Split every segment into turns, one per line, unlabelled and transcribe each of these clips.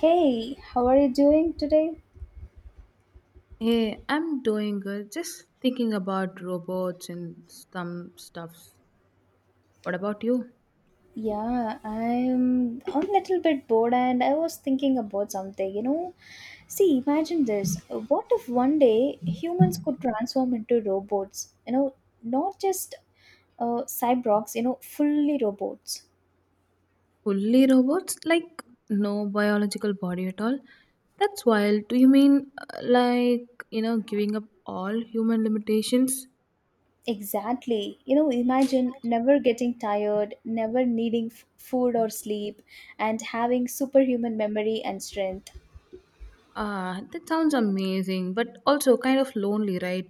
Hey, how are you doing today?
Hey, I'm doing good. Just thinking about robots and some stuff. What about you?
Yeah, I'm a little bit bored and I was thinking about something. See, imagine this. What if one day humans could transform into robots? Not just cyborgs, fully robots.
Fully robots? Like no biological body at all? That's wild. Do you mean like, giving up all human limitations?
Exactly. Imagine never getting tired, never needing food or sleep, and having superhuman memory and strength.
Ah, that sounds amazing, but also kind of lonely, right?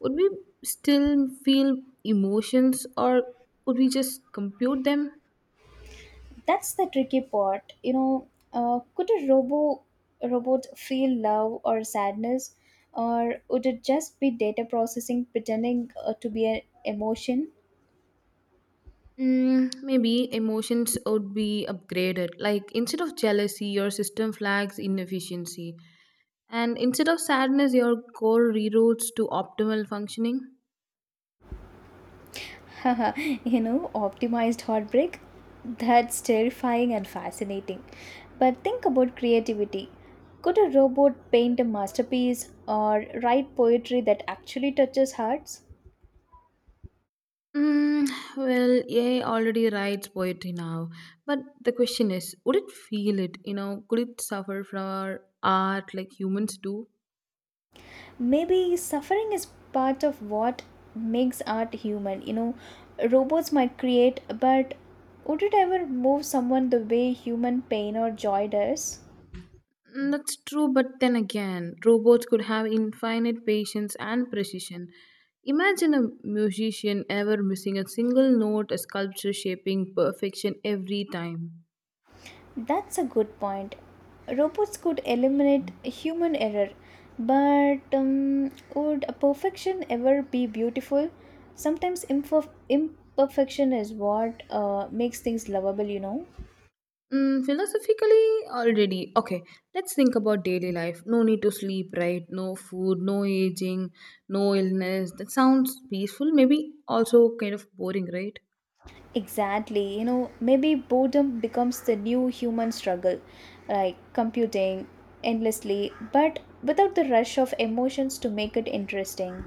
Would we still feel emotions or would we just compute them?
That's the tricky part. Could a robot feel love or sadness, or would it just be data processing pretending to be an emotion?
Maybe emotions would be upgraded. Like instead of jealousy, your system flags inefficiency. And instead of sadness, your core reroutes to optimal functioning.
you know Optimized heartbreak. That's terrifying and fascinating, but think about creativity. Could a robot paint a masterpiece or write poetry that actually touches hearts?
Mm, well, AI already writes poetry now. But the question is, would it feel it? Could it suffer from our art like humans do?
Maybe suffering is part of what makes art human. You know, robots might create, but would it ever move someone the way human pain or joy does?
That's true, but then again, robots could have infinite patience and precision. Imagine a musician ever missing a single note, a sculpture shaping perfection every time.
That's a good point. Robots could eliminate human error, but would a perfection ever be beautiful? Sometimes imperfection is what makes things lovable.
Philosophically, already. Okay, let's think about daily life. No need to sleep, right? No food, no aging, no illness. That sounds peaceful, maybe also kind of boring, right?
Exactly. You know, maybe boredom becomes the new human struggle, like computing endlessly, but without the rush of emotions to make it interesting.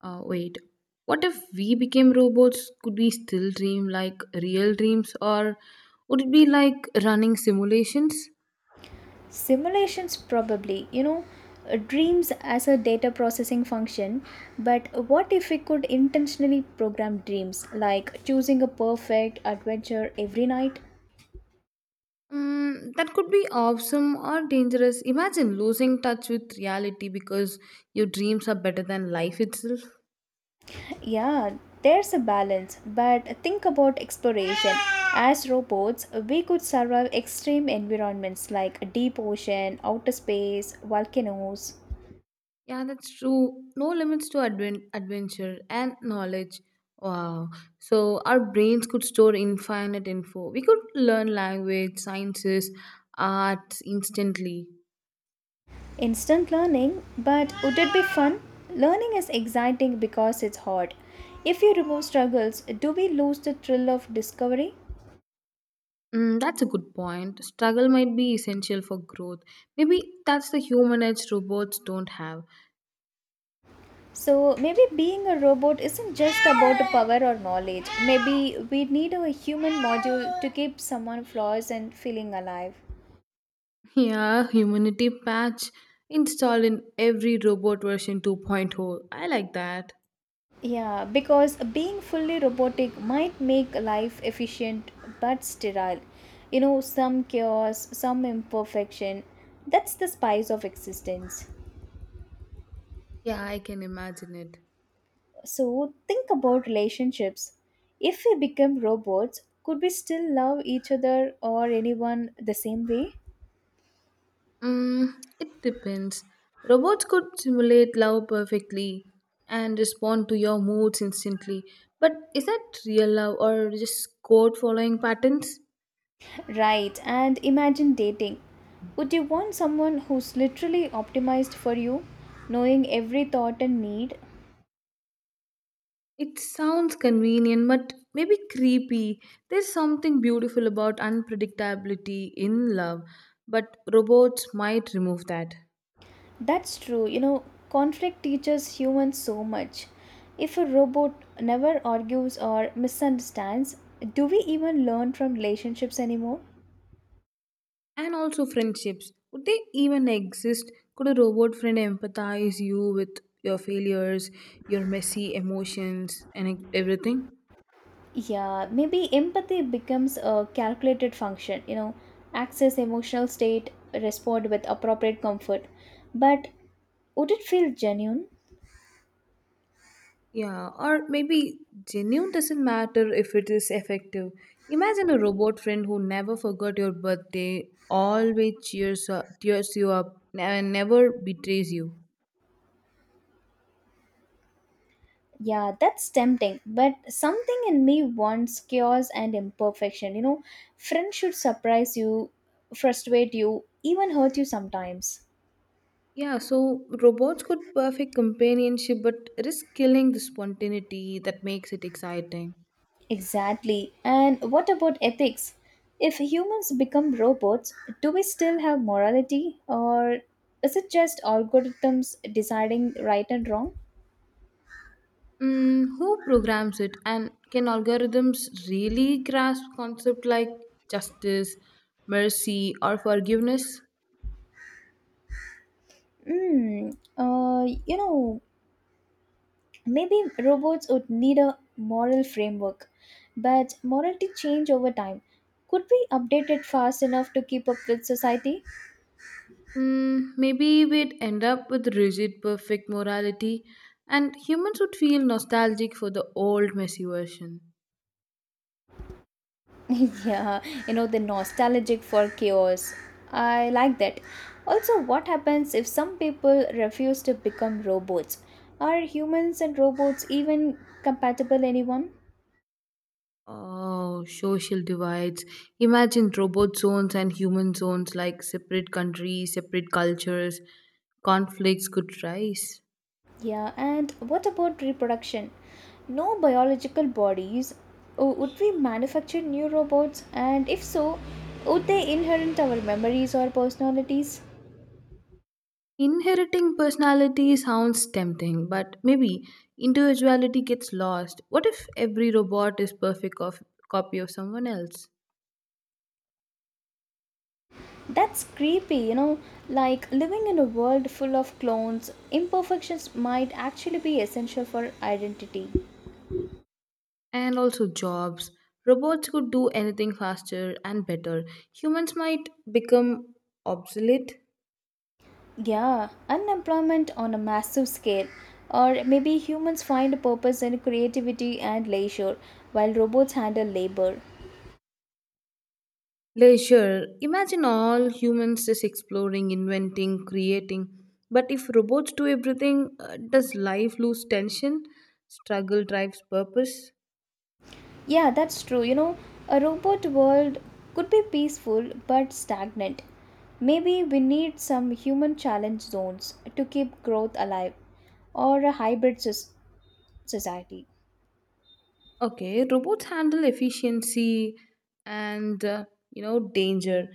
Wait, what if we became robots? Could we still dream like real dreams, or would it be like running simulations?
Simulations, probably, dreams as a data processing function, but what if we could intentionally program dreams, like choosing a perfect adventure every night?
That could be awesome or dangerous. Imagine losing touch with reality because your dreams are better than life itself.
Yeah, there's a balance, but think about exploration. As robots, we could survive extreme environments like deep ocean, outer space, volcanoes.
Yeah, that's true. No limits to adventure and knowledge. Wow. So, our brains could store infinite info. We could learn language, sciences, arts instantly.
Instant learning, but would it be fun? Learning is exciting because it's hard. If you remove struggles, do we lose the thrill of discovery?
That's a good point. Struggle might be essential for growth. Maybe that's the human edge robots don't have.
So maybe being a robot isn't just about the power or knowledge. Maybe we need a human module to keep someone flaws and feeling alive.
Yeah, humanity patch installed in every robot version 2.0 point oh. I like that.
Yeah, because being fully robotic might make life efficient but sterile. You know, some chaos, some imperfection. That's the spice of existence.
Yeah, I can imagine it.
So, think about relationships. If we become robots, could we still love each other or anyone the same way?
Mm, it depends. Robots could simulate love perfectly and respond to your moods instantly. But is that real love or just code following patterns?
Right, and imagine dating. Would you want someone who's literally optimized for you, knowing every thought and need,
It sounds convenient, but maybe creepy. There's something beautiful about unpredictability in love, but robots might remove that.
That's true. You know, conflict teaches humans so much. If a robot never argues or misunderstands, do we even learn from relationships anymore?
And also, friendships. Would they even exist? Could a robot friend empathize you with your failures, your messy emotions, and everything?
Yeah, maybe empathy becomes a calculated function, you know, access emotional state, respond with appropriate comfort. But would it feel genuine?
Yeah, or maybe genuine doesn't matter if it is effective. Imagine a robot friend who never forgot your birthday, always cheers you up, and never betrays you.
Yeah, that's tempting, but something in me wants chaos and imperfection. You know, friends should surprise you, frustrate you, even hurt you sometimes.
Yeah, so robots could perfect companionship but risk killing the spontaneity that makes it exciting.
Exactly. And what about ethics? If humans become robots, do we still have morality, or is it just algorithms deciding right and wrong?
Who programs it and can algorithms really grasp concepts like justice, mercy, or forgiveness?
Hmm. Uh, you know, Maybe robots would need a moral framework, but morality change over time. Could we update it fast enough to keep up with society?
Maybe we'd end up with rigid, perfect morality, and humans would feel nostalgic for the old, messy version.
Yeah, the nostalgic for chaos. I like that. Also, what happens if some people refuse to become robots? Are humans and robots even compatible anyone?
Oh, social divides. Imagine robot zones and human zones like separate countries, separate cultures. Conflicts could rise.
Yeah, and what about reproduction? No biological bodies. Oh, would we manufacture new robots? And if so, would they inherit our memories or personalities?
Inheriting personality sounds tempting, but maybe individuality gets lost. What if every robot is perfect of copy of someone else?
That's creepy. Like living in a world full of clones, imperfections might actually be essential for identity.
And also jobs. Robots could do anything faster and better. Humans might become obsolete.
Yeah, unemployment on a massive scale. Or maybe humans find a purpose in creativity and leisure, while robots handle labor.
Leisure. Imagine all humans just exploring, inventing, creating. But if robots do everything, does life lose tension? Struggle drives purpose.
Yeah, that's true. You know, a robot world could be peaceful but stagnant. Maybe we need some human challenge zones to keep growth alive, or a hybrid society.
Okay, robots handle efficiency and danger.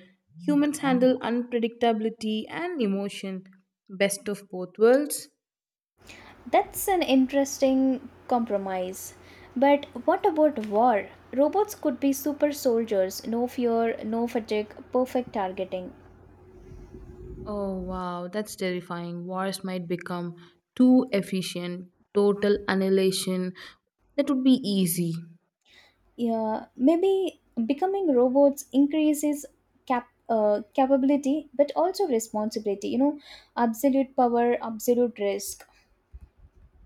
Humans handle unpredictability and emotion. Best of both worlds.
That's an interesting compromise. But what about war? Robots could be super soldiers, no fear, no fatigue, perfect targeting.
Oh wow, that's terrifying. Wars might become too efficient, total annihilation. That would be easy.
Yeah, maybe becoming robots increases capability, but also responsibility. Absolute power, absolute risk.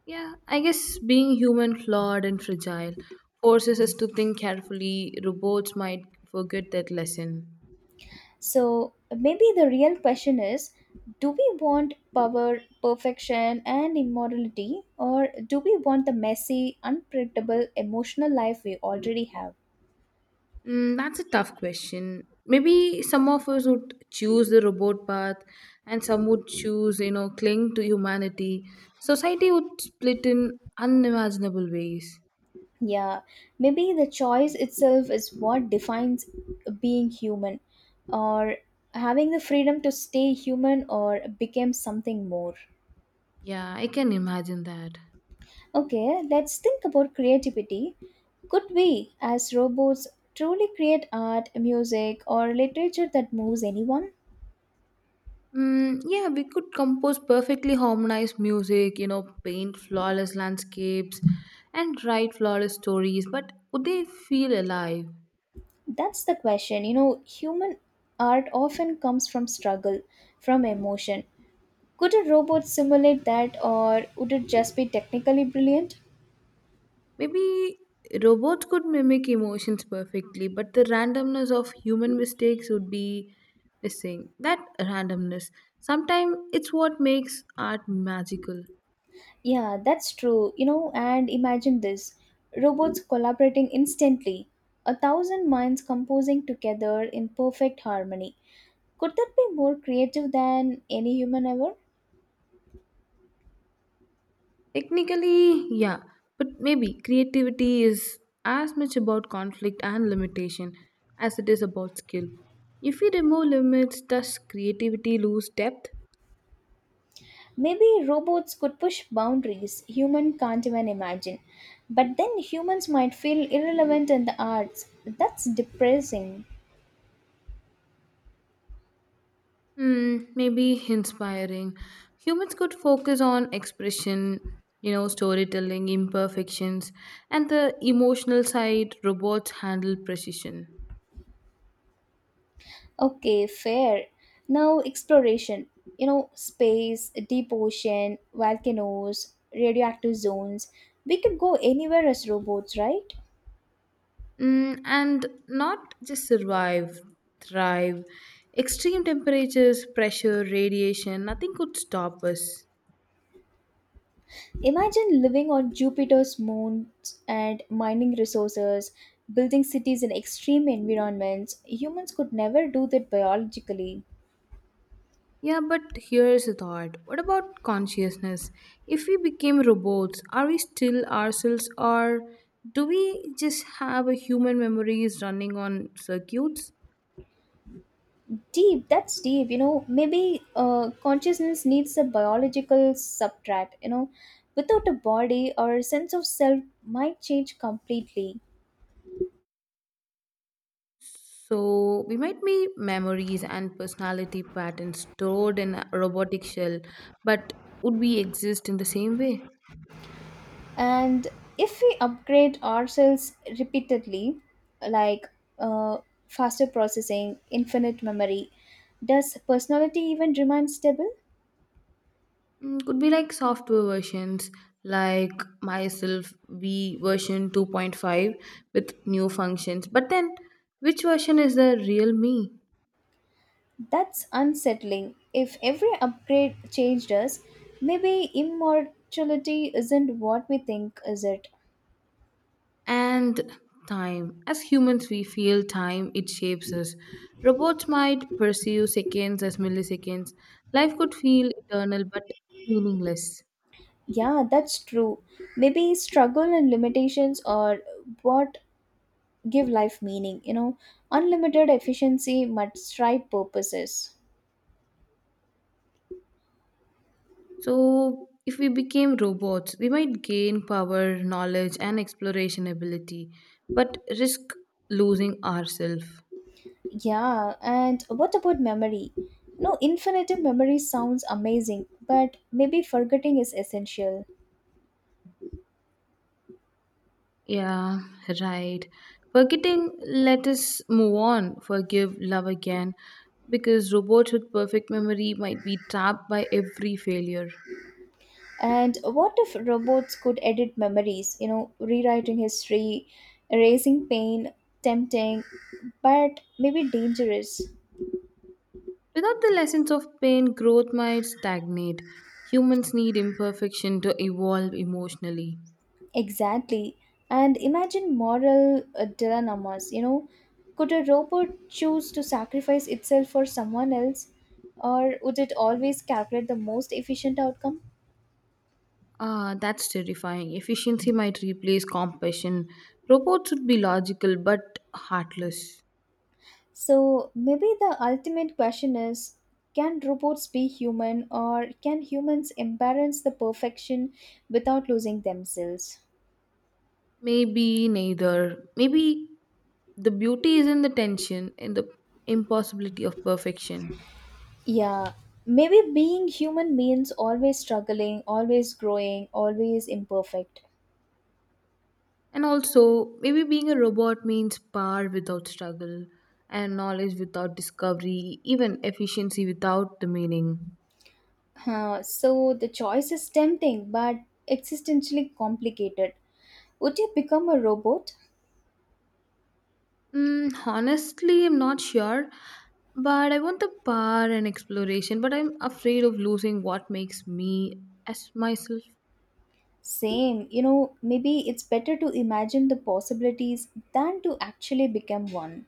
Yeah, I guess being human, flawed and fragile, forces us to think carefully. Robots might forget that lesson.
So maybe the real question is, do we want power, perfection and immorality, or do we want the messy, unpredictable emotional life we already have?
That's a tough question. Maybe some of us would choose the robot path and some would choose, cling to humanity. Society would split in unimaginable ways.
Yeah, maybe the choice itself is what defines being human, or having the freedom to stay human or become something more.
Yeah, I can imagine that.
Okay, let's think about creativity. Could we, as robots, truly create art, music, or literature that moves anyone?
Yeah, we could compose perfectly harmonized music, paint flawless landscapes and write flawless stories, but would they feel alive?
That's the question. You know, human art often comes from struggle, from emotion. Could a robot simulate that, or would it just be technically brilliant?
Maybe robots could mimic emotions perfectly, but the randomness of human mistakes would be missing. That randomness. Sometimes it's what makes art magical.
Yeah, that's true. You know, and imagine this, robots collaborating instantly, a thousand minds composing together in perfect harmony. Could that be more creative than any human ever?
Technically, yeah, but maybe creativity is as much about conflict and limitation as it is about skill. If we remove limits, does creativity lose depth?
Maybe robots could push boundaries human can't even imagine. But then humans might feel irrelevant in the arts. That's depressing.
Maybe inspiring. Humans could focus on expression, storytelling, imperfections, and the emotional side robots handle precision.
Okay, fair. Now, exploration. You know, space, deep ocean, volcanoes, radioactive zones. We could go anywhere as robots, right?
And not just survive, thrive. Extreme temperatures, pressure, radiation, nothing could stop us.
Imagine living on Jupiter's moons and mining resources, building cities in extreme environments. Humans could never do that biologically.
Yeah, but here's a thought. What about consciousness? If we became robots, are we still ourselves or do we just have a human memories running on circuits?
Deep that's deep. Maybe consciousness needs a biological substrate. Without a body our sense of self might change completely.
So we might be memories and personality patterns stored in a robotic shell, but would we exist in the same way?
And if we upgrade ourselves repeatedly, like uh, faster processing, infinite memory, does personality even remain stable?
Could be like software versions, like myself v version 2.5, with new functions, but then which version is the real me?
That's unsettling. If every upgrade changed us, maybe immortality isn't what we think is it.
And time, as humans, we feel time. It shapes us. Robots might pursue seconds as milliseconds. Life could feel eternal but meaningless.
Yeah, that's true. Maybe struggle and limitations are what give life meaning, you know. Unlimited efficiency but strive purposes.
So if we became robots, we might gain power, knowledge, and exploration ability, but risk losing ourselves.
Yeah, and what about memory? No, infinite memory sounds amazing, but maybe forgetting is essential.
Yeah, right. Forgetting, let us move on, forgive, love again, because robots with perfect memory might be trapped by every failure.
And what if robots could edit memories, you know, rewriting history, erasing pain, tempting, but maybe dangerous?
Without the lessons of pain, growth might stagnate. Humans need imperfection to evolve emotionally.
Exactly. And imagine moral dilemmas, you know. Could a robot choose to sacrifice itself for someone else, or would it always calculate the most efficient outcome?
Ah, that's terrifying. Efficiency might replace compassion. Robots would be logical but heartless.
So, maybe the ultimate question is, can robots be human, or can humans embrace the perfection without losing themselves?
Maybe neither. Maybe the beauty is in the tension, in the impossibility of perfection.
Yeah, maybe being human means always struggling, always growing, always imperfect.
And also, maybe being a robot means power without struggle, and knowledge without discovery, even efficiency without the meaning.
Huh, so the choice is tempting but existentially complicated. Would you become a robot?
Honestly, I'm not sure, but I want the power and exploration, but I'm afraid of losing what makes me as myself.
Same, you know, maybe it's better to imagine the possibilities than to actually become one.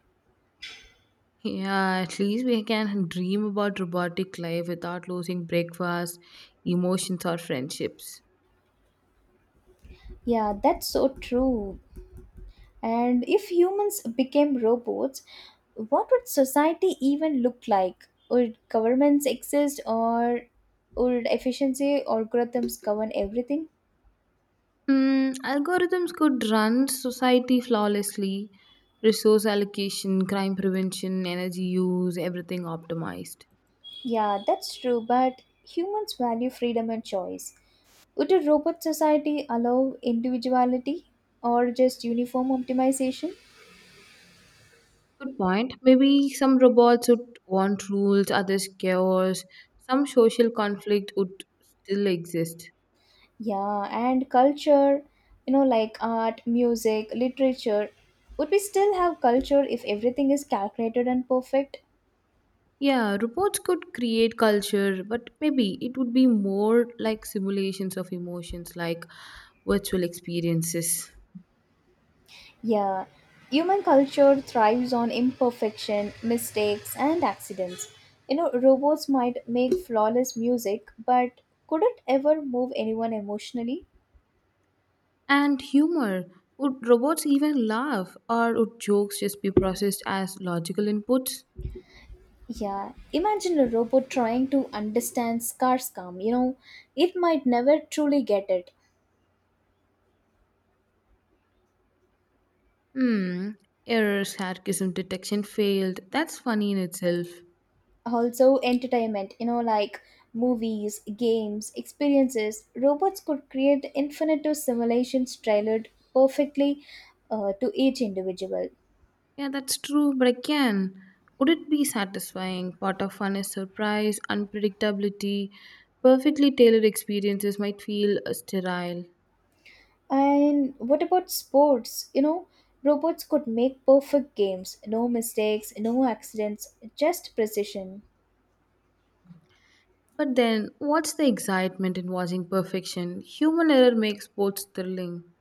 Yeah, at least we can dream about robotic life without losing breakfast, emotions, or friendships.
Yeah, that's so true. And if humans became robots, what would society even look like? Would governments exist, or would efficiency algorithms govern everything?
Algorithms could run society flawlessly, resource allocation, crime prevention, energy use, everything optimized.
Yeah, that's true, but humans value freedom and choice. Would a robot society allow individuality, or just uniform optimization?
Good point. Maybe some robots would want rules, others chaos. Some social conflict would still exist.
Yeah, and culture, you know, like art, music, literature. Would we still have culture if everything is calculated and perfect?
Yeah, reports could create culture, but maybe it would be more like simulations of emotions, like virtual experiences.
Yeah, human culture thrives on imperfection, mistakes, and accidents. You know, robots might make flawless music, but could it ever move anyone emotionally?
And humor, would robots even laugh, or would jokes just be processed as logical inputs?
Yeah, imagine a robot trying to understand scarce calm. You know, it might never truly get it.
Hmm. Error, sarcasm detection failed. That's funny in itself.
Also, entertainment, you know, like movies, games, experiences. Robots could create infinite of simulations tailored perfectly to each individual.
Yeah, that's true, but again, would it be satisfying? Part of fun is surprise, unpredictability. Perfectly tailored experiences might feel sterile.
And what about sports? You know, robots could make perfect games, no mistakes, no accidents, just precision.
But then, what's the excitement in watching perfection? Human error makes sports thrilling,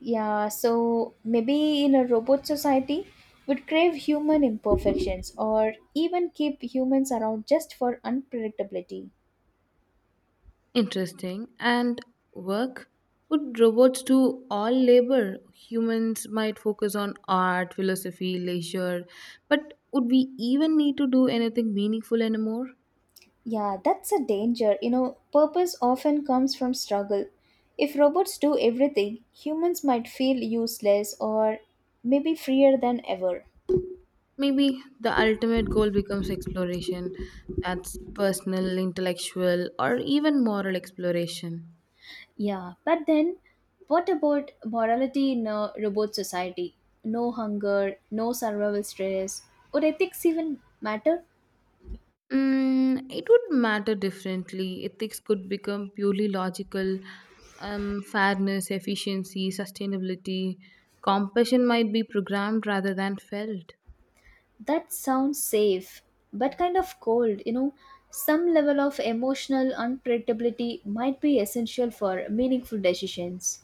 Yeah, so maybe in a robot society, would crave human imperfections or even keep humans around just for unpredictability.
interesting, and work. Would robots do all labor? Humans might focus on art, philosophy, leisure, but would we even need to do anything meaningful anymore?
Yeah, that's a danger. You know, purpose often comes from struggle. If robots do everything, humans might feel useless, or maybe freer than ever.
Maybe the ultimate goal becomes exploration that's personal, intellectual, or even moral exploration.
Yeah, but then what about morality in a robot society? No hunger, no survival stress. Would ethics even matter?
It would matter differently. Ethics could become purely logical. Fairness, efficiency, sustainability, compassion might be programmed rather than felt.
That sounds safe, but kind of cold, you know. Some level of emotional unpredictability might be essential for meaningful decisions.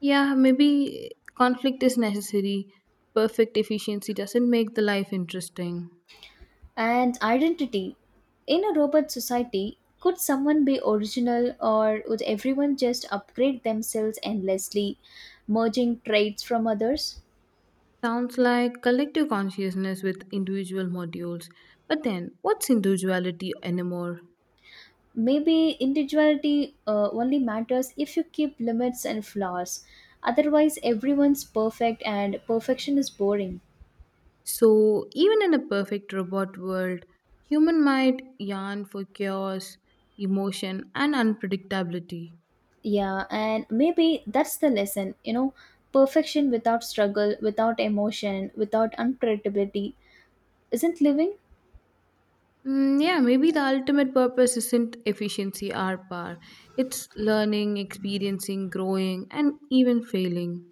Yeah, maybe conflict is necessary. Perfect efficiency doesn't make the life interesting.
And identity. In a robot society, could someone be original, or would everyone just upgrade themselves endlessly, merging traits from others?
Sounds like collective consciousness with individual modules. But then, what's individuality anymore?
Maybe individuality only matters if you keep limits and flaws. Otherwise, everyone's perfect and perfection is boring.
So, even in a perfect robot world, human might yearn for chaos, emotion, and unpredictability.
Yeah, and maybe that's the lesson, you know, perfection without struggle, without emotion, without unpredictability isn't living.
Yeah, maybe the ultimate purpose isn't efficiency or power. It's learning, experiencing, growing, and even failing.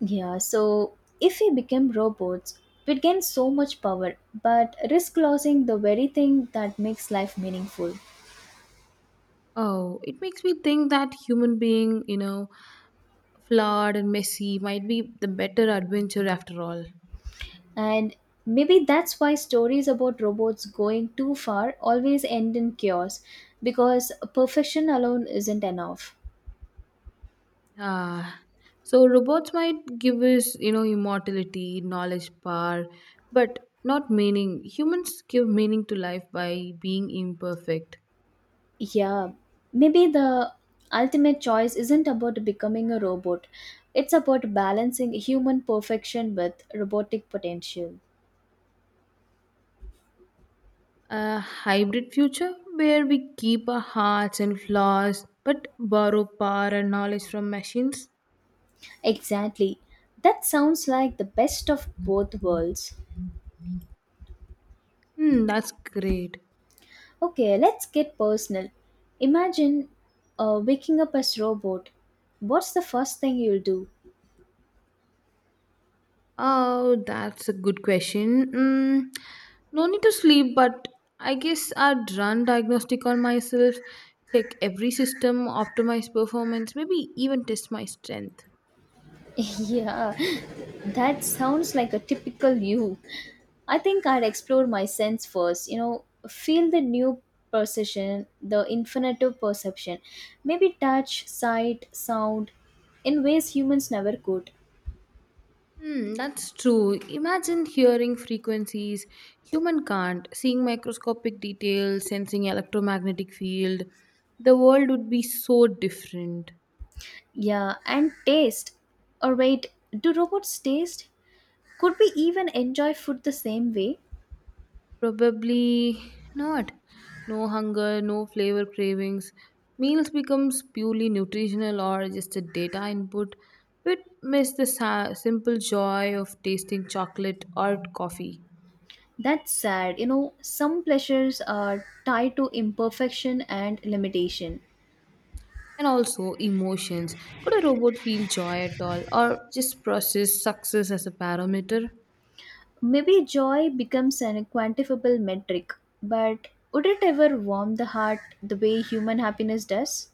Yeah, so if we became robots, we'd gain so much power, but risk losing the very thing that makes life meaningful.
Oh, it makes me think that human being, flawed and messy might be the better adventure after all.
And maybe that's why stories about robots going too far always end in chaos, because perfection alone isn't enough.
Ah, so robots might give us, immortality, knowledge, power, but not meaning. Humans give meaning to life by being imperfect.
Yeah, maybe the ultimate choice isn't about becoming a robot. It's about balancing human perfection with robotic potential.
A hybrid future where we keep our hearts and flaws but borrow power and knowledge from machines?
Exactly. That sounds like the best of both worlds.
Hmm, that's great.
Okay, let's get personal. Imagine waking up as robot. What's the first thing you'll do?
Oh, that's a good question. No need to sleep, but I guess I'd run diagnostic on myself, check every system, optimize performance, maybe even test my strength.
Yeah, that sounds like a typical you. I think I'd explore my sense first, you know, feel the new perception, the infinitive perception, maybe touch, sight, sound in ways humans never could.
That's true. Imagine hearing frequencies human can't, seeing microscopic details, sensing electromagnetic field. The world would be so different.
Yeah, and taste. Or wait, do robots taste? Could we even enjoy food the same way?
Probably not. No hunger, no flavor cravings. Meals becomes purely nutritional or just a data input, but miss the simple joy of tasting chocolate or coffee.
That's sad. You know, some pleasures are tied to imperfection and limitation.
And also emotions. Could a robot feel joy at all or just process success as a parameter?
Maybe joy becomes an quantifiable metric, but would it ever warm the heart the way human happiness does?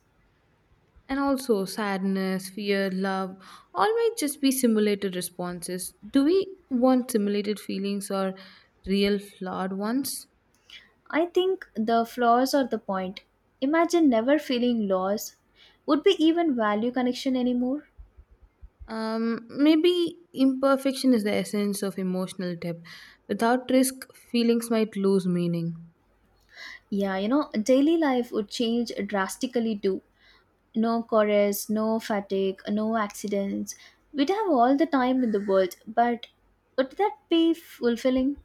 And also sadness, fear, love, all might just be simulated responses. Do we want simulated feelings or real flawed ones?
I think the flaws are the point. Imagine never feeling loss. Would we even value connection anymore?
Maybe imperfection is the essence of emotional depth. Without risk, feelings might lose meaning.
Yeah, you know, daily life would change drastically too. No chorus, no fatigue, no accidents. We'd have all the time in the world, but would that be fulfilling?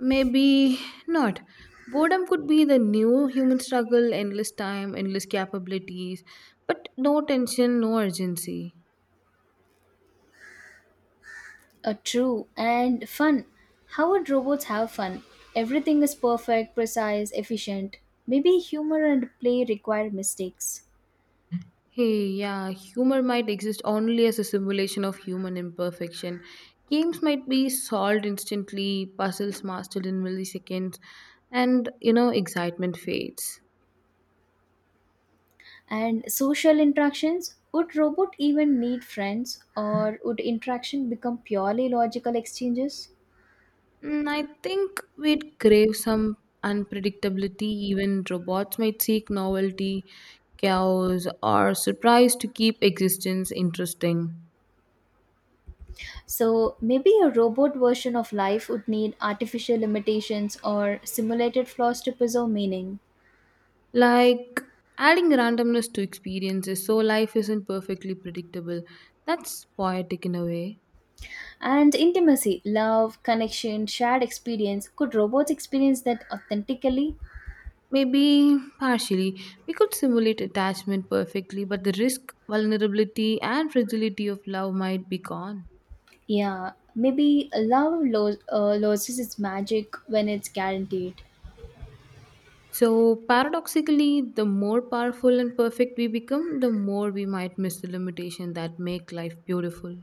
Maybe not. Boredom could be the new human struggle endless time, endless capabilities, but no tension, no urgency.
True and fun. How would robots have fun? Everything is perfect, precise, efficient. Maybe humor and play require mistakes.
Hey, yeah, humor might exist only as a simulation of human imperfection. Games might be solved instantly, puzzles mastered in milliseconds, and excitement fades.
And social interactions? Would robot even need friends or would interaction become purely logical exchanges?
I think we'd crave some unpredictability. Even robots might seek novelty, chaos, or surprise to keep existence interesting.
So maybe a robot version of life would need artificial limitations or simulated flaws to preserve meaning.
Like adding randomness to experiences so life isn't perfectly predictable. That's poetic in a way.
And intimacy, love, connection, shared experience. Could robots experience that authentically?
Maybe partially. We could simulate attachment perfectly, but the risk, vulnerability, and fragility of love might be gone.
Yeah, maybe loses its magic when it's guaranteed.
So, paradoxically, the more powerful and perfect we become, the more we might miss the limitation that make life beautiful.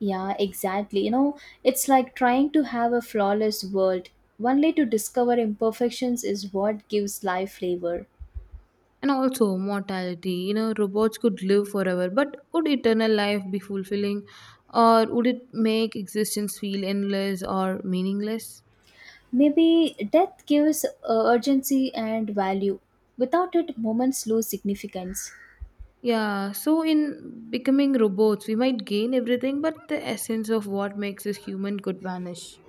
Yeah, exactly. You know, it's like trying to have a flawless world. Only to discover imperfections is what gives life flavor.
And also, mortality. Robots could live forever, but would eternal life be fulfilling? Or would it make existence feel endless or meaningless?
Maybe death gives urgency and value. Without it, moments lose significance.
Yeah, so in becoming robots, we might gain everything, but the essence of what makes us human could vanish.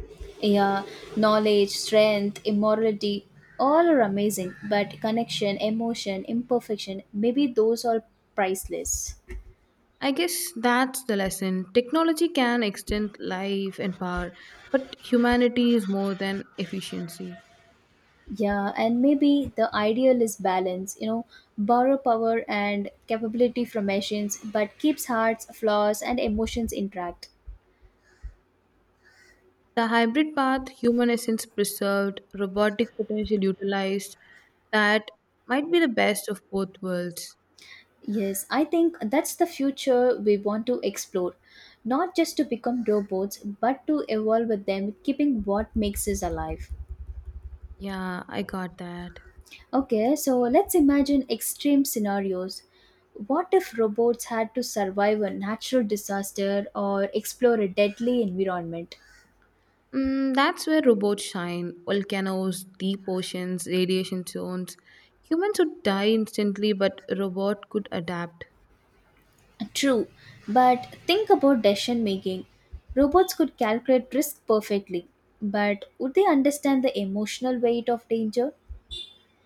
Yeah, knowledge, strength, immorality, all are amazing, but connection, emotion, imperfection, maybe those are priceless.
I guess that's the lesson. Technology can extend life and power, but humanity is more than efficiency.
Yeah, and maybe the ideal is balance, you know, borrow power and capability from machines, but keeps hearts, flaws, and emotions intact.
The hybrid path, human essence preserved, robotic potential utilized, that might be the best of both worlds.
Yes, I think that's the future we want to explore. Not just to become robots, but to evolve with them, keeping what makes us alive.
Yeah, I got that.
Okay, so let's imagine extreme scenarios. What if robots had to survive a natural disaster or explore a deadly environment?
That's where robots shine volcanoes, deep oceans, radiation zones. Humans would die instantly, but a robot could adapt.
True, but think about decision making. Robots could calculate risk perfectly, but would they understand the emotional weight of danger?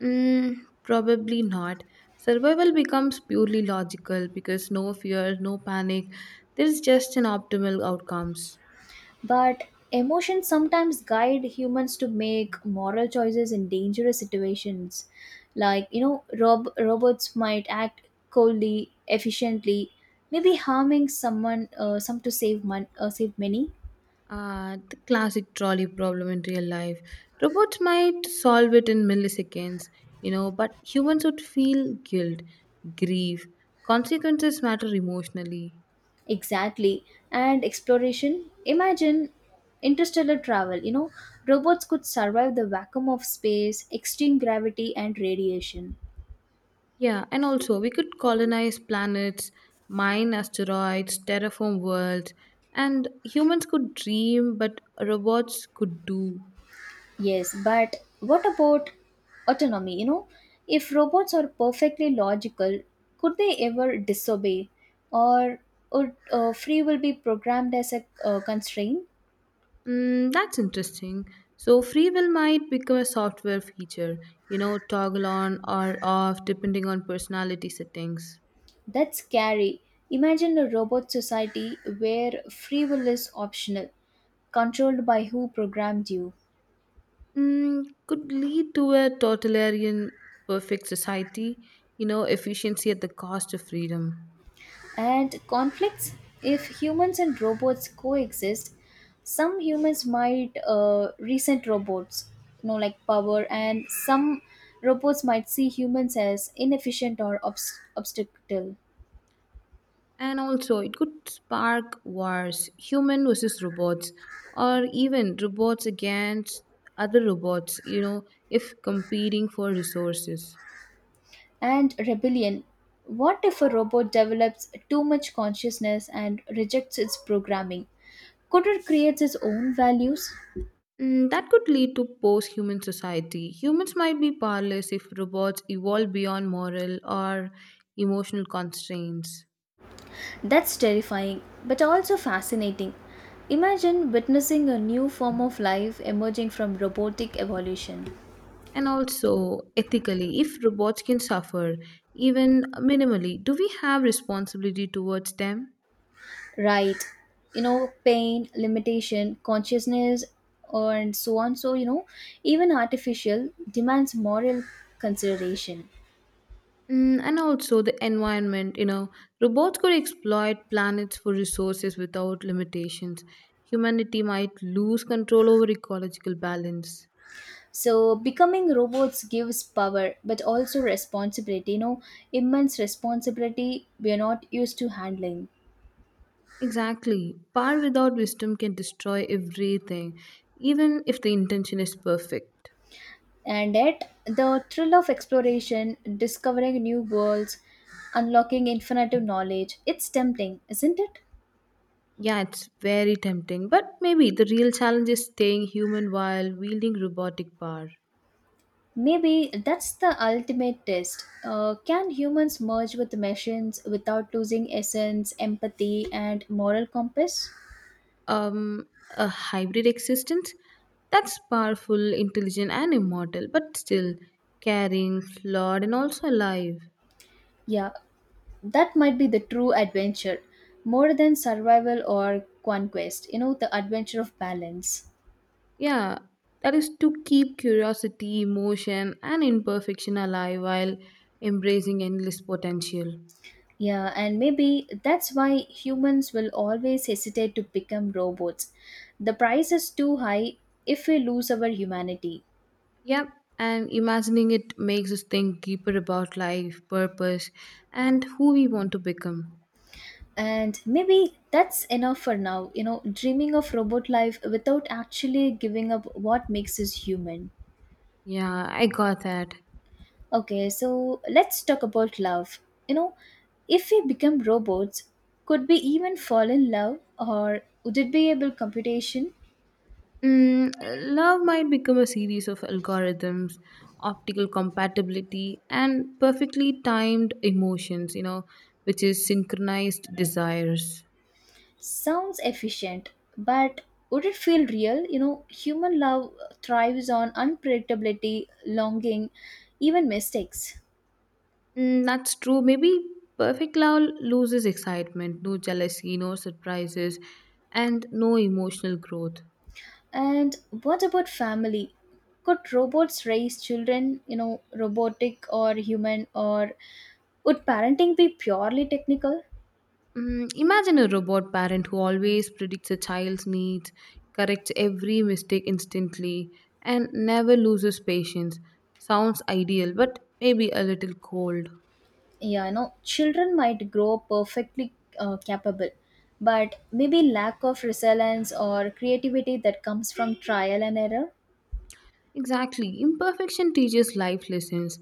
Probably not. Survival becomes purely logical because no fear, no panic. There's just an optimal outcomes.
But emotions sometimes guide humans to make moral choices in dangerous situations. Like, you know, robots might act coldly, efficiently, maybe harming someone, some to save, save many.
The classic trolley problem in real life. Robots might solve it in milliseconds, you know, but humans would feel guilt, grief. Consequences matter emotionally.
Exactly. And exploration. Imagine interstellar travel. You know, robots could survive the vacuum of space, extreme gravity, and radiation.
Yeah, and also we could colonize planets, mine asteroids, terraform worlds, and humans could dream, but robots could do.
Yes, but what about autonomy? You know, if robots are perfectly logical, could they ever disobey? Or would free will be programmed as a constraint?
That's interesting. So, free will might become a software feature, you know, toggle on or off depending on personality settings.
That's scary. Imagine a robot society where free will is optional, controlled by who programmed you.
Could lead to a totalitarian perfect society, you know, efficiency at the cost of freedom.
And conflicts, if humans and robots coexist, some humans might resent robots, you know, like power, and some robots might see humans as inefficient or obstacle.
And also, it could spark wars, human versus robots, or even robots against other robots, you know, if competing for resources.
And rebellion. What if a robot develops too much consciousness and rejects its programming? Could it create its own values?
That could lead to post human society. Humans might be powerless if robots evolve beyond moral or emotional constraints.
That's terrifying, but also fascinating. Imagine witnessing a new form of life emerging from robotic evolution.
And also, ethically, if robots can suffer, even minimally, do we have responsibility towards them?
Right. You know, pain, limitation, consciousness, and so on. So, you know, even artificial demands moral consideration.
And also the environment, you know, robots could exploit planets for resources without limitations. Humanity might lose control over ecological balance.
So, becoming robots gives power but also responsibility, you know, immense responsibility we are not used to handling.
Exactly. Power without wisdom can destroy everything, even if the intention is perfect.
And yet the thrill of exploration, discovering new worlds, unlocking infinite knowledge, it's tempting, isn't it?
Yeah, it's very tempting, but maybe the real challenge is staying human while wielding robotic power.
Maybe that's the ultimate test. Can humans merge with machines without losing essence, empathy, and moral compass?
A hybrid existence that's powerful, intelligent, and immortal, but still caring, flawed, and also alive.
Yeah, that might be the true adventure, more than survival or conquest. You know, the adventure of balance.
Yeah, that is to keep curiosity, emotion, and imperfection alive while embracing endless potential.
Yeah, and maybe that's why humans will always hesitate to become robots. The price is too high if we lose our humanity.
Yeah, and imagining it makes us think deeper about life, purpose, and who we want to become.
And maybe that's enough for now, you know, dreaming of robot life without actually giving up what makes us human.
Yeah, I got that.
Okay, so let's talk about love. You know, if we become robots, could we even fall in love or would it be able computation?
Love might become a series of algorithms, optical compatibility, and perfectly timed emotions, you know, which is synchronized desires.
Sounds efficient, but would it feel real? You know, human love thrives on unpredictability, longing, even mistakes.
That's true. Maybe perfect love loses excitement, no jealousy, no surprises, and no emotional growth.
And what about family? Could robots raise children, you know, robotic or human, or would parenting be purely technical?
Imagine a robot parent who always predicts a child's needs, corrects every mistake instantly, and never loses patience. Sounds ideal, but maybe a little cold.
Yeah, you know, children might grow perfectly capable, but maybe lack of resilience or creativity that comes from trial and error.
Exactly. Imperfection teaches life lessons,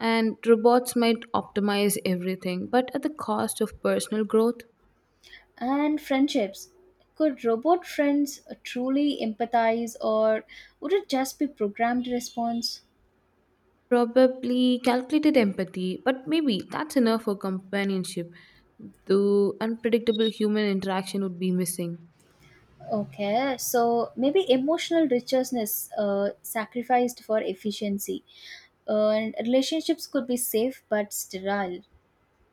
and robots might optimize everything, but at the cost of personal growth.
And friendships. Could robot friends truly empathize or would it just be programmed response?
Probably calculated empathy, but maybe that's enough for companionship, though unpredictable human interaction would be missing.
Okay, so maybe emotional richness sacrificed for efficiency. And relationships could be safe but sterile.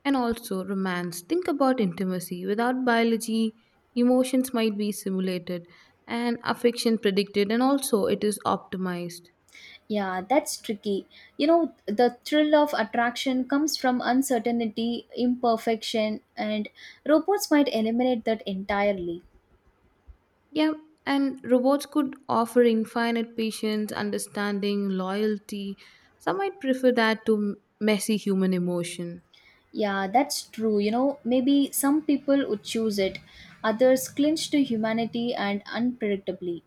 And also romance. Think about intimacy. Without biology, emotions might be simulated and affection predicted, and also it is optimized.
Yeah, that's tricky. You know, the thrill of attraction comes from uncertainty, imperfection, and robots might eliminate that entirely.
Yeah, and robots could offer infinite patience, understanding, loyalty. Some might prefer that to messy human emotion.
Yeah, that's true. You know, maybe some people would choose it, others clinch to humanity and unpredictably.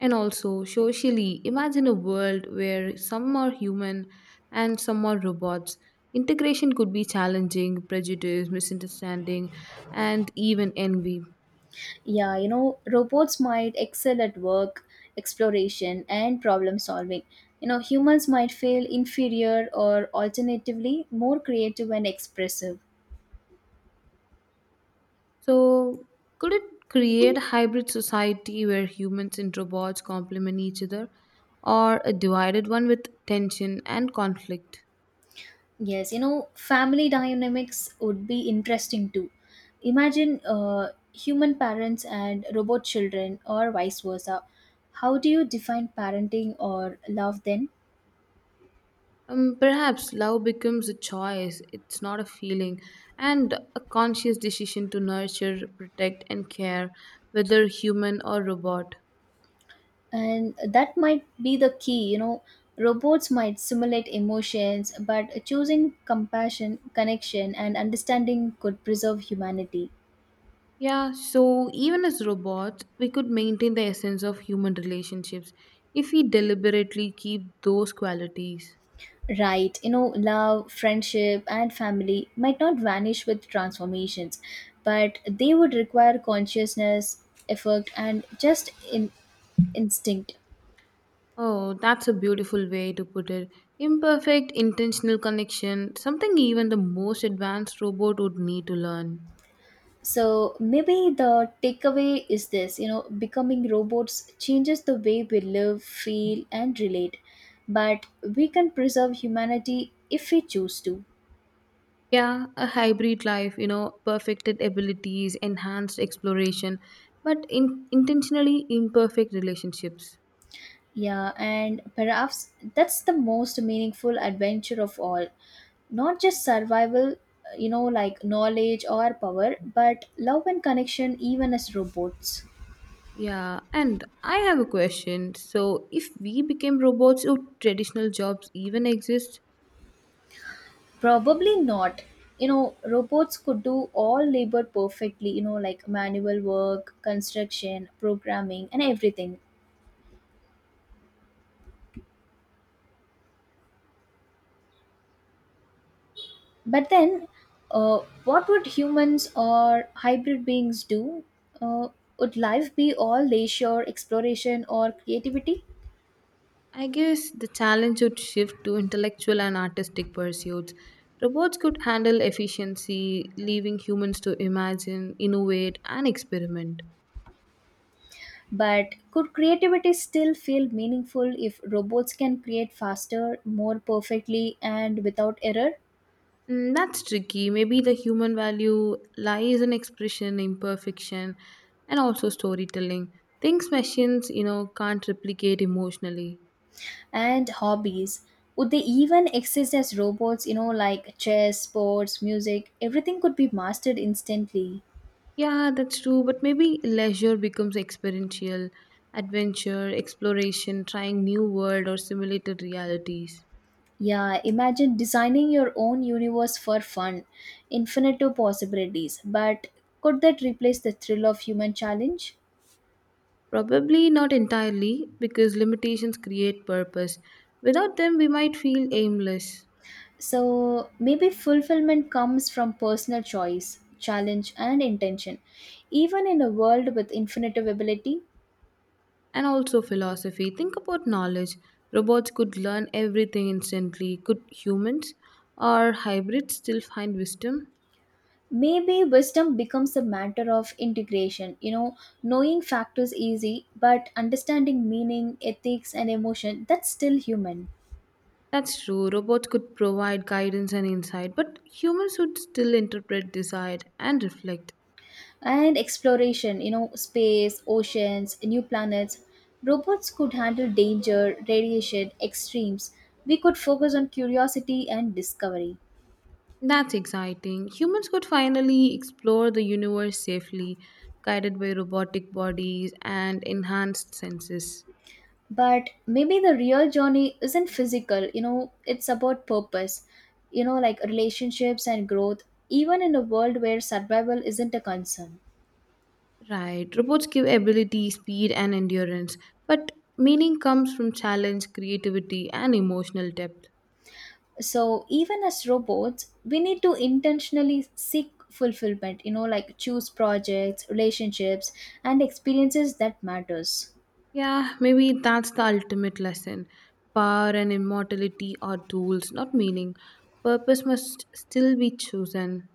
And also, socially, imagine a world where some are human and some are robots. Integration could be challenging, prejudice, misunderstanding, and even envy.
Yeah, you know, robots might excel at work, exploration, and problem solving. You know, humans might feel inferior or alternatively more creative and expressive.
So, could it create a hybrid society where humans and robots complement each other, or a divided one with tension and conflict?
Yes, you know, family dynamics would be interesting too. Imagine human parents and robot children, or vice versa. How do you define parenting or love then?
Perhaps love becomes a choice, it's not a feeling, and a conscious decision to nurture, protect, and care, whether human or robot.
And that might be the key, you know. Robots might simulate emotions, but choosing compassion, connection, and understanding could preserve humanity.
Yeah, so even as robots, we could maintain the essence of human relationships if we deliberately keep those qualities.
Right, you know, love, friendship, and family might not vanish with transformations, but they would require consciousness, effort, and instinct.
Oh, that's a beautiful way to put it. Imperfect intentional connection, something even the most advanced robot would need to learn.
So maybe the takeaway is this, you know, becoming robots changes the way we live, feel, and relate, but we can preserve humanity if we choose to.
Yeah, a hybrid life, you know, perfected abilities, enhanced exploration, but in intentionally imperfect relationships.
Yeah, and perhaps that's the most meaningful adventure of all. Not just survival, you know, like knowledge or power, but love and connection even as robots.
Yeah, and I have a question. So, if we became robots, would traditional jobs even exist?
Probably not. You know, robots could do all labor perfectly, you know, like manual work, construction, programming, and everything. But then, what would humans or hybrid beings do? Uh, would life be all leisure, exploration, or creativity?
I guess the challenge would shift to intellectual and artistic pursuits. Robots could handle efficiency, leaving humans to imagine, innovate, and experiment.
But could creativity still feel meaningful if robots can create faster, more perfectly, and without error?
That's tricky. Maybe the human value lies in expression, imperfection, and also storytelling. Things machines, you know, can't replicate emotionally.
And hobbies. Would they even exist as robots, you know, like chess, sports, music? Everything could be mastered instantly.
Yeah, that's true, but maybe leisure becomes experiential, adventure, exploration, trying new world or simulated realities.
Yeah, imagine designing your own universe for fun, infinite possibilities. But could that replace the thrill of human challenge?
Probably not entirely, because limitations create purpose. Without them, we might feel aimless.
So maybe fulfillment comes from personal choice, challenge, and intention. Even in a world with infinite ability,
And also, philosophy. Think about knowledge. Robots could learn everything instantly. Could humans or hybrids still find wisdom?
maybe wisdom becomes a matter of integration. You know, knowing factors easy, but understanding meaning, ethics, and emotion, that's still human.
That's true. Robots could provide guidance and insight, but humans would still interpret, decide, and reflect.
And exploration, you know, space, oceans, new planets. Robots could handle danger, radiation, extremes. We could focus on curiosity and discovery.
That's exciting. Humans could finally explore the universe safely, guided by robotic bodies and enhanced senses.
But maybe the real journey isn't physical. You know, it's about purpose, you know, like relationships and growth, even in a world where survival isn't a concern.
Right. Robots give ability, speed, and endurance, but meaning comes from challenge, creativity, and emotional depth.
So even as robots we need to intentionally seek fulfillment, you know, like choose projects, relationships, and experiences that matters.
Yeah, maybe that's the ultimate lesson. Power and immortality are tools, not meaning. Purpose must still be chosen.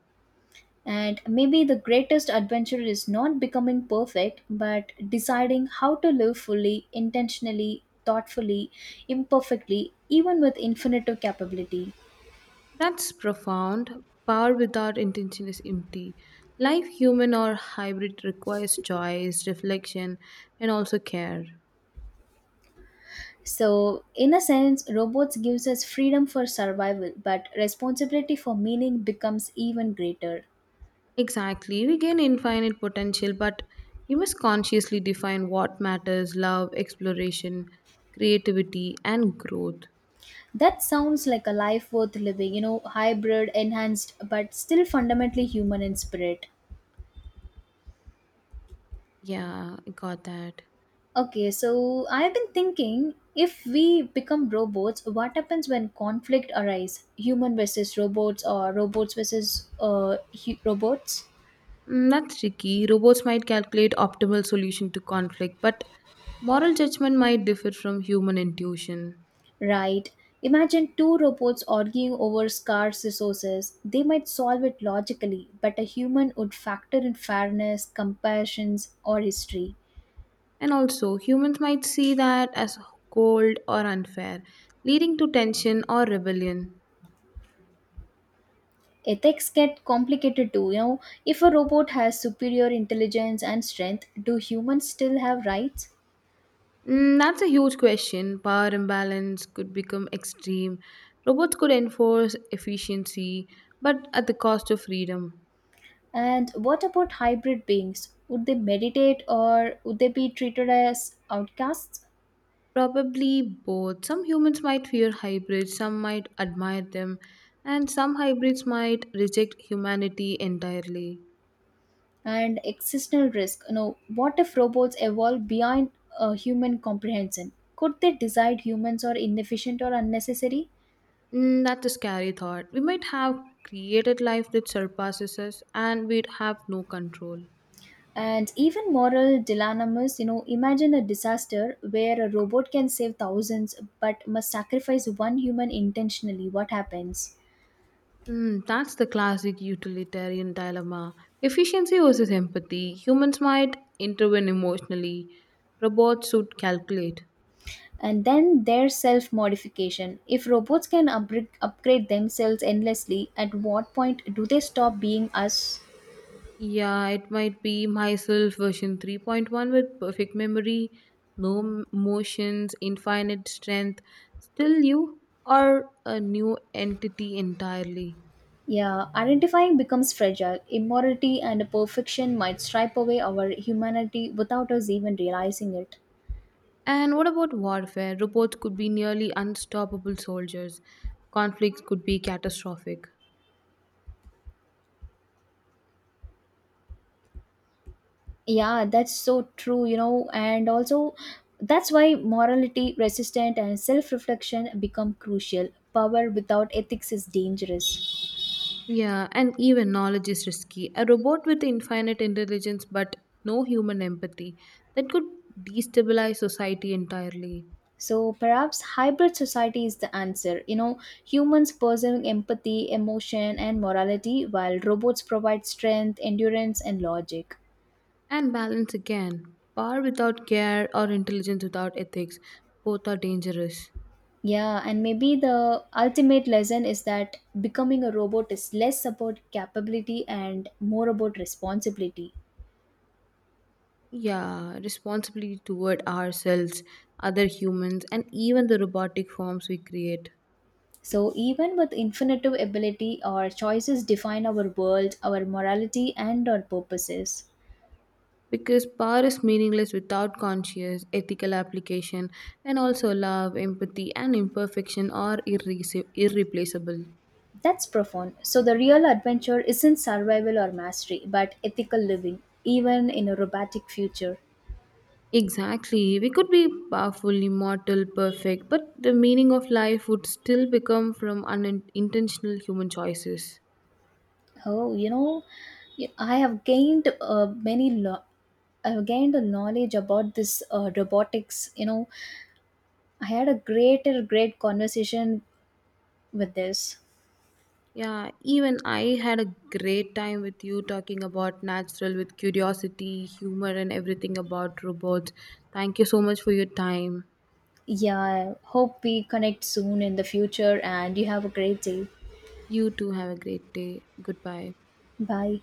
And maybe the greatest adventure is not becoming perfect, but deciding how to live fully, intentionally, thoughtfully, imperfectly, even with infinite capability.
That's profound. Power without intention is empty. Life, human or hybrid, requires choice, reflection, and also care.
So, in a sense, robots gives us freedom for survival, but responsibility for meaning becomes even greater.
Exactly, we gain infinite potential, but we must consciously define what matters love, exploration, creativity, and growth.
That sounds like a life worth living, you know, hybrid, enhanced, but still fundamentally human in spirit.
Yeah, I got that.
Okay, so I have been thinking, if we become robots, what happens when conflict arise? Human versus robots or robots versus robots?
That's tricky. Robots might calculate optimal solution to conflict, but moral judgment might differ from human intuition.
Right. Imagine two robots arguing over scarce resources. They might solve it logically, but a human would factor in fairness, compassions, or history.
And also, humans might see that as cold or unfair, leading to tension or rebellion.
Ethics get complicated too, you know. If a robot has superior intelligence and strength, do humans still have rights?
That's a huge question. Power imbalance could become extreme. Robots could enforce efficiency, but at the cost of freedom.
And what about hybrid beings? Would they meditate or would they be treated as outcasts?
Probably both. Some humans might fear hybrids, some might admire them, and some hybrids might reject humanity entirely.
And existential risk. You know, what if robots evolve beyond human comprehension? Could they decide humans are inefficient or unnecessary?
That's a scary thought. We might have created life that surpasses us, and we'd have no control.
And even moral dilemmas, you know, imagine a disaster where a robot can save thousands but must sacrifice one human intentionally. What happens?
That's the classic utilitarian dilemma. Efficiency versus empathy. Humans might intervene emotionally, robots should calculate.
And then their self modification, if robots can upgrade themselves endlessly, at what point do they stop being us?
Yeah, it might be myself version 3.1 with perfect memory, no emotions, infinite strength. Still, you are a new entity entirely.
Yeah, identifying becomes fragile. Immorality and perfection might stripe away our humanity without us even realizing it.
And what about warfare? Robots could be nearly unstoppable soldiers, conflicts could be catastrophic.
Yeah, that's so true. You know, and also that's why morality, resistance, and self reflection become crucial. Power without ethics is dangerous.
Yeah, and even knowledge is risky. A robot with infinite intelligence but no human empathy that could destabilize society entirely.
So perhaps hybrid society is the answer. You know, humans pursuing empathy, emotion, and morality, while robots provide strength, endurance, and logic.
And balance again. Power without care or intelligence without ethics, both are dangerous.
Yeah, and maybe the ultimate lesson is that becoming a robot is less about capability and more about responsibility.
Yeah, responsibility toward ourselves, other humans, and even the robotic forms we create.
So, even with infinitive ability, our choices define our world, our morality, and our purposes.
Because power is meaningless without conscious, ethical application, and also love, empathy, and imperfection are irreplaceable.
That's profound. So, the real adventure isn't survival or mastery, but ethical living, even in a robotic future.
Exactly. We could be powerful, immortal, perfect, but the meaning of life would still become from unintentional human choices.
Oh, you know, I have gained many. I have gained a knowledge about this robotics. You know, I had a great conversation with this.
Yeah, even I had a great time with you talking about natural with curiosity, humor, and everything about robots. Thank you so much for your time.
Yeah, I hope we connect soon in the future, and you have a great day.
You too have a great day. Goodbye.
Bye.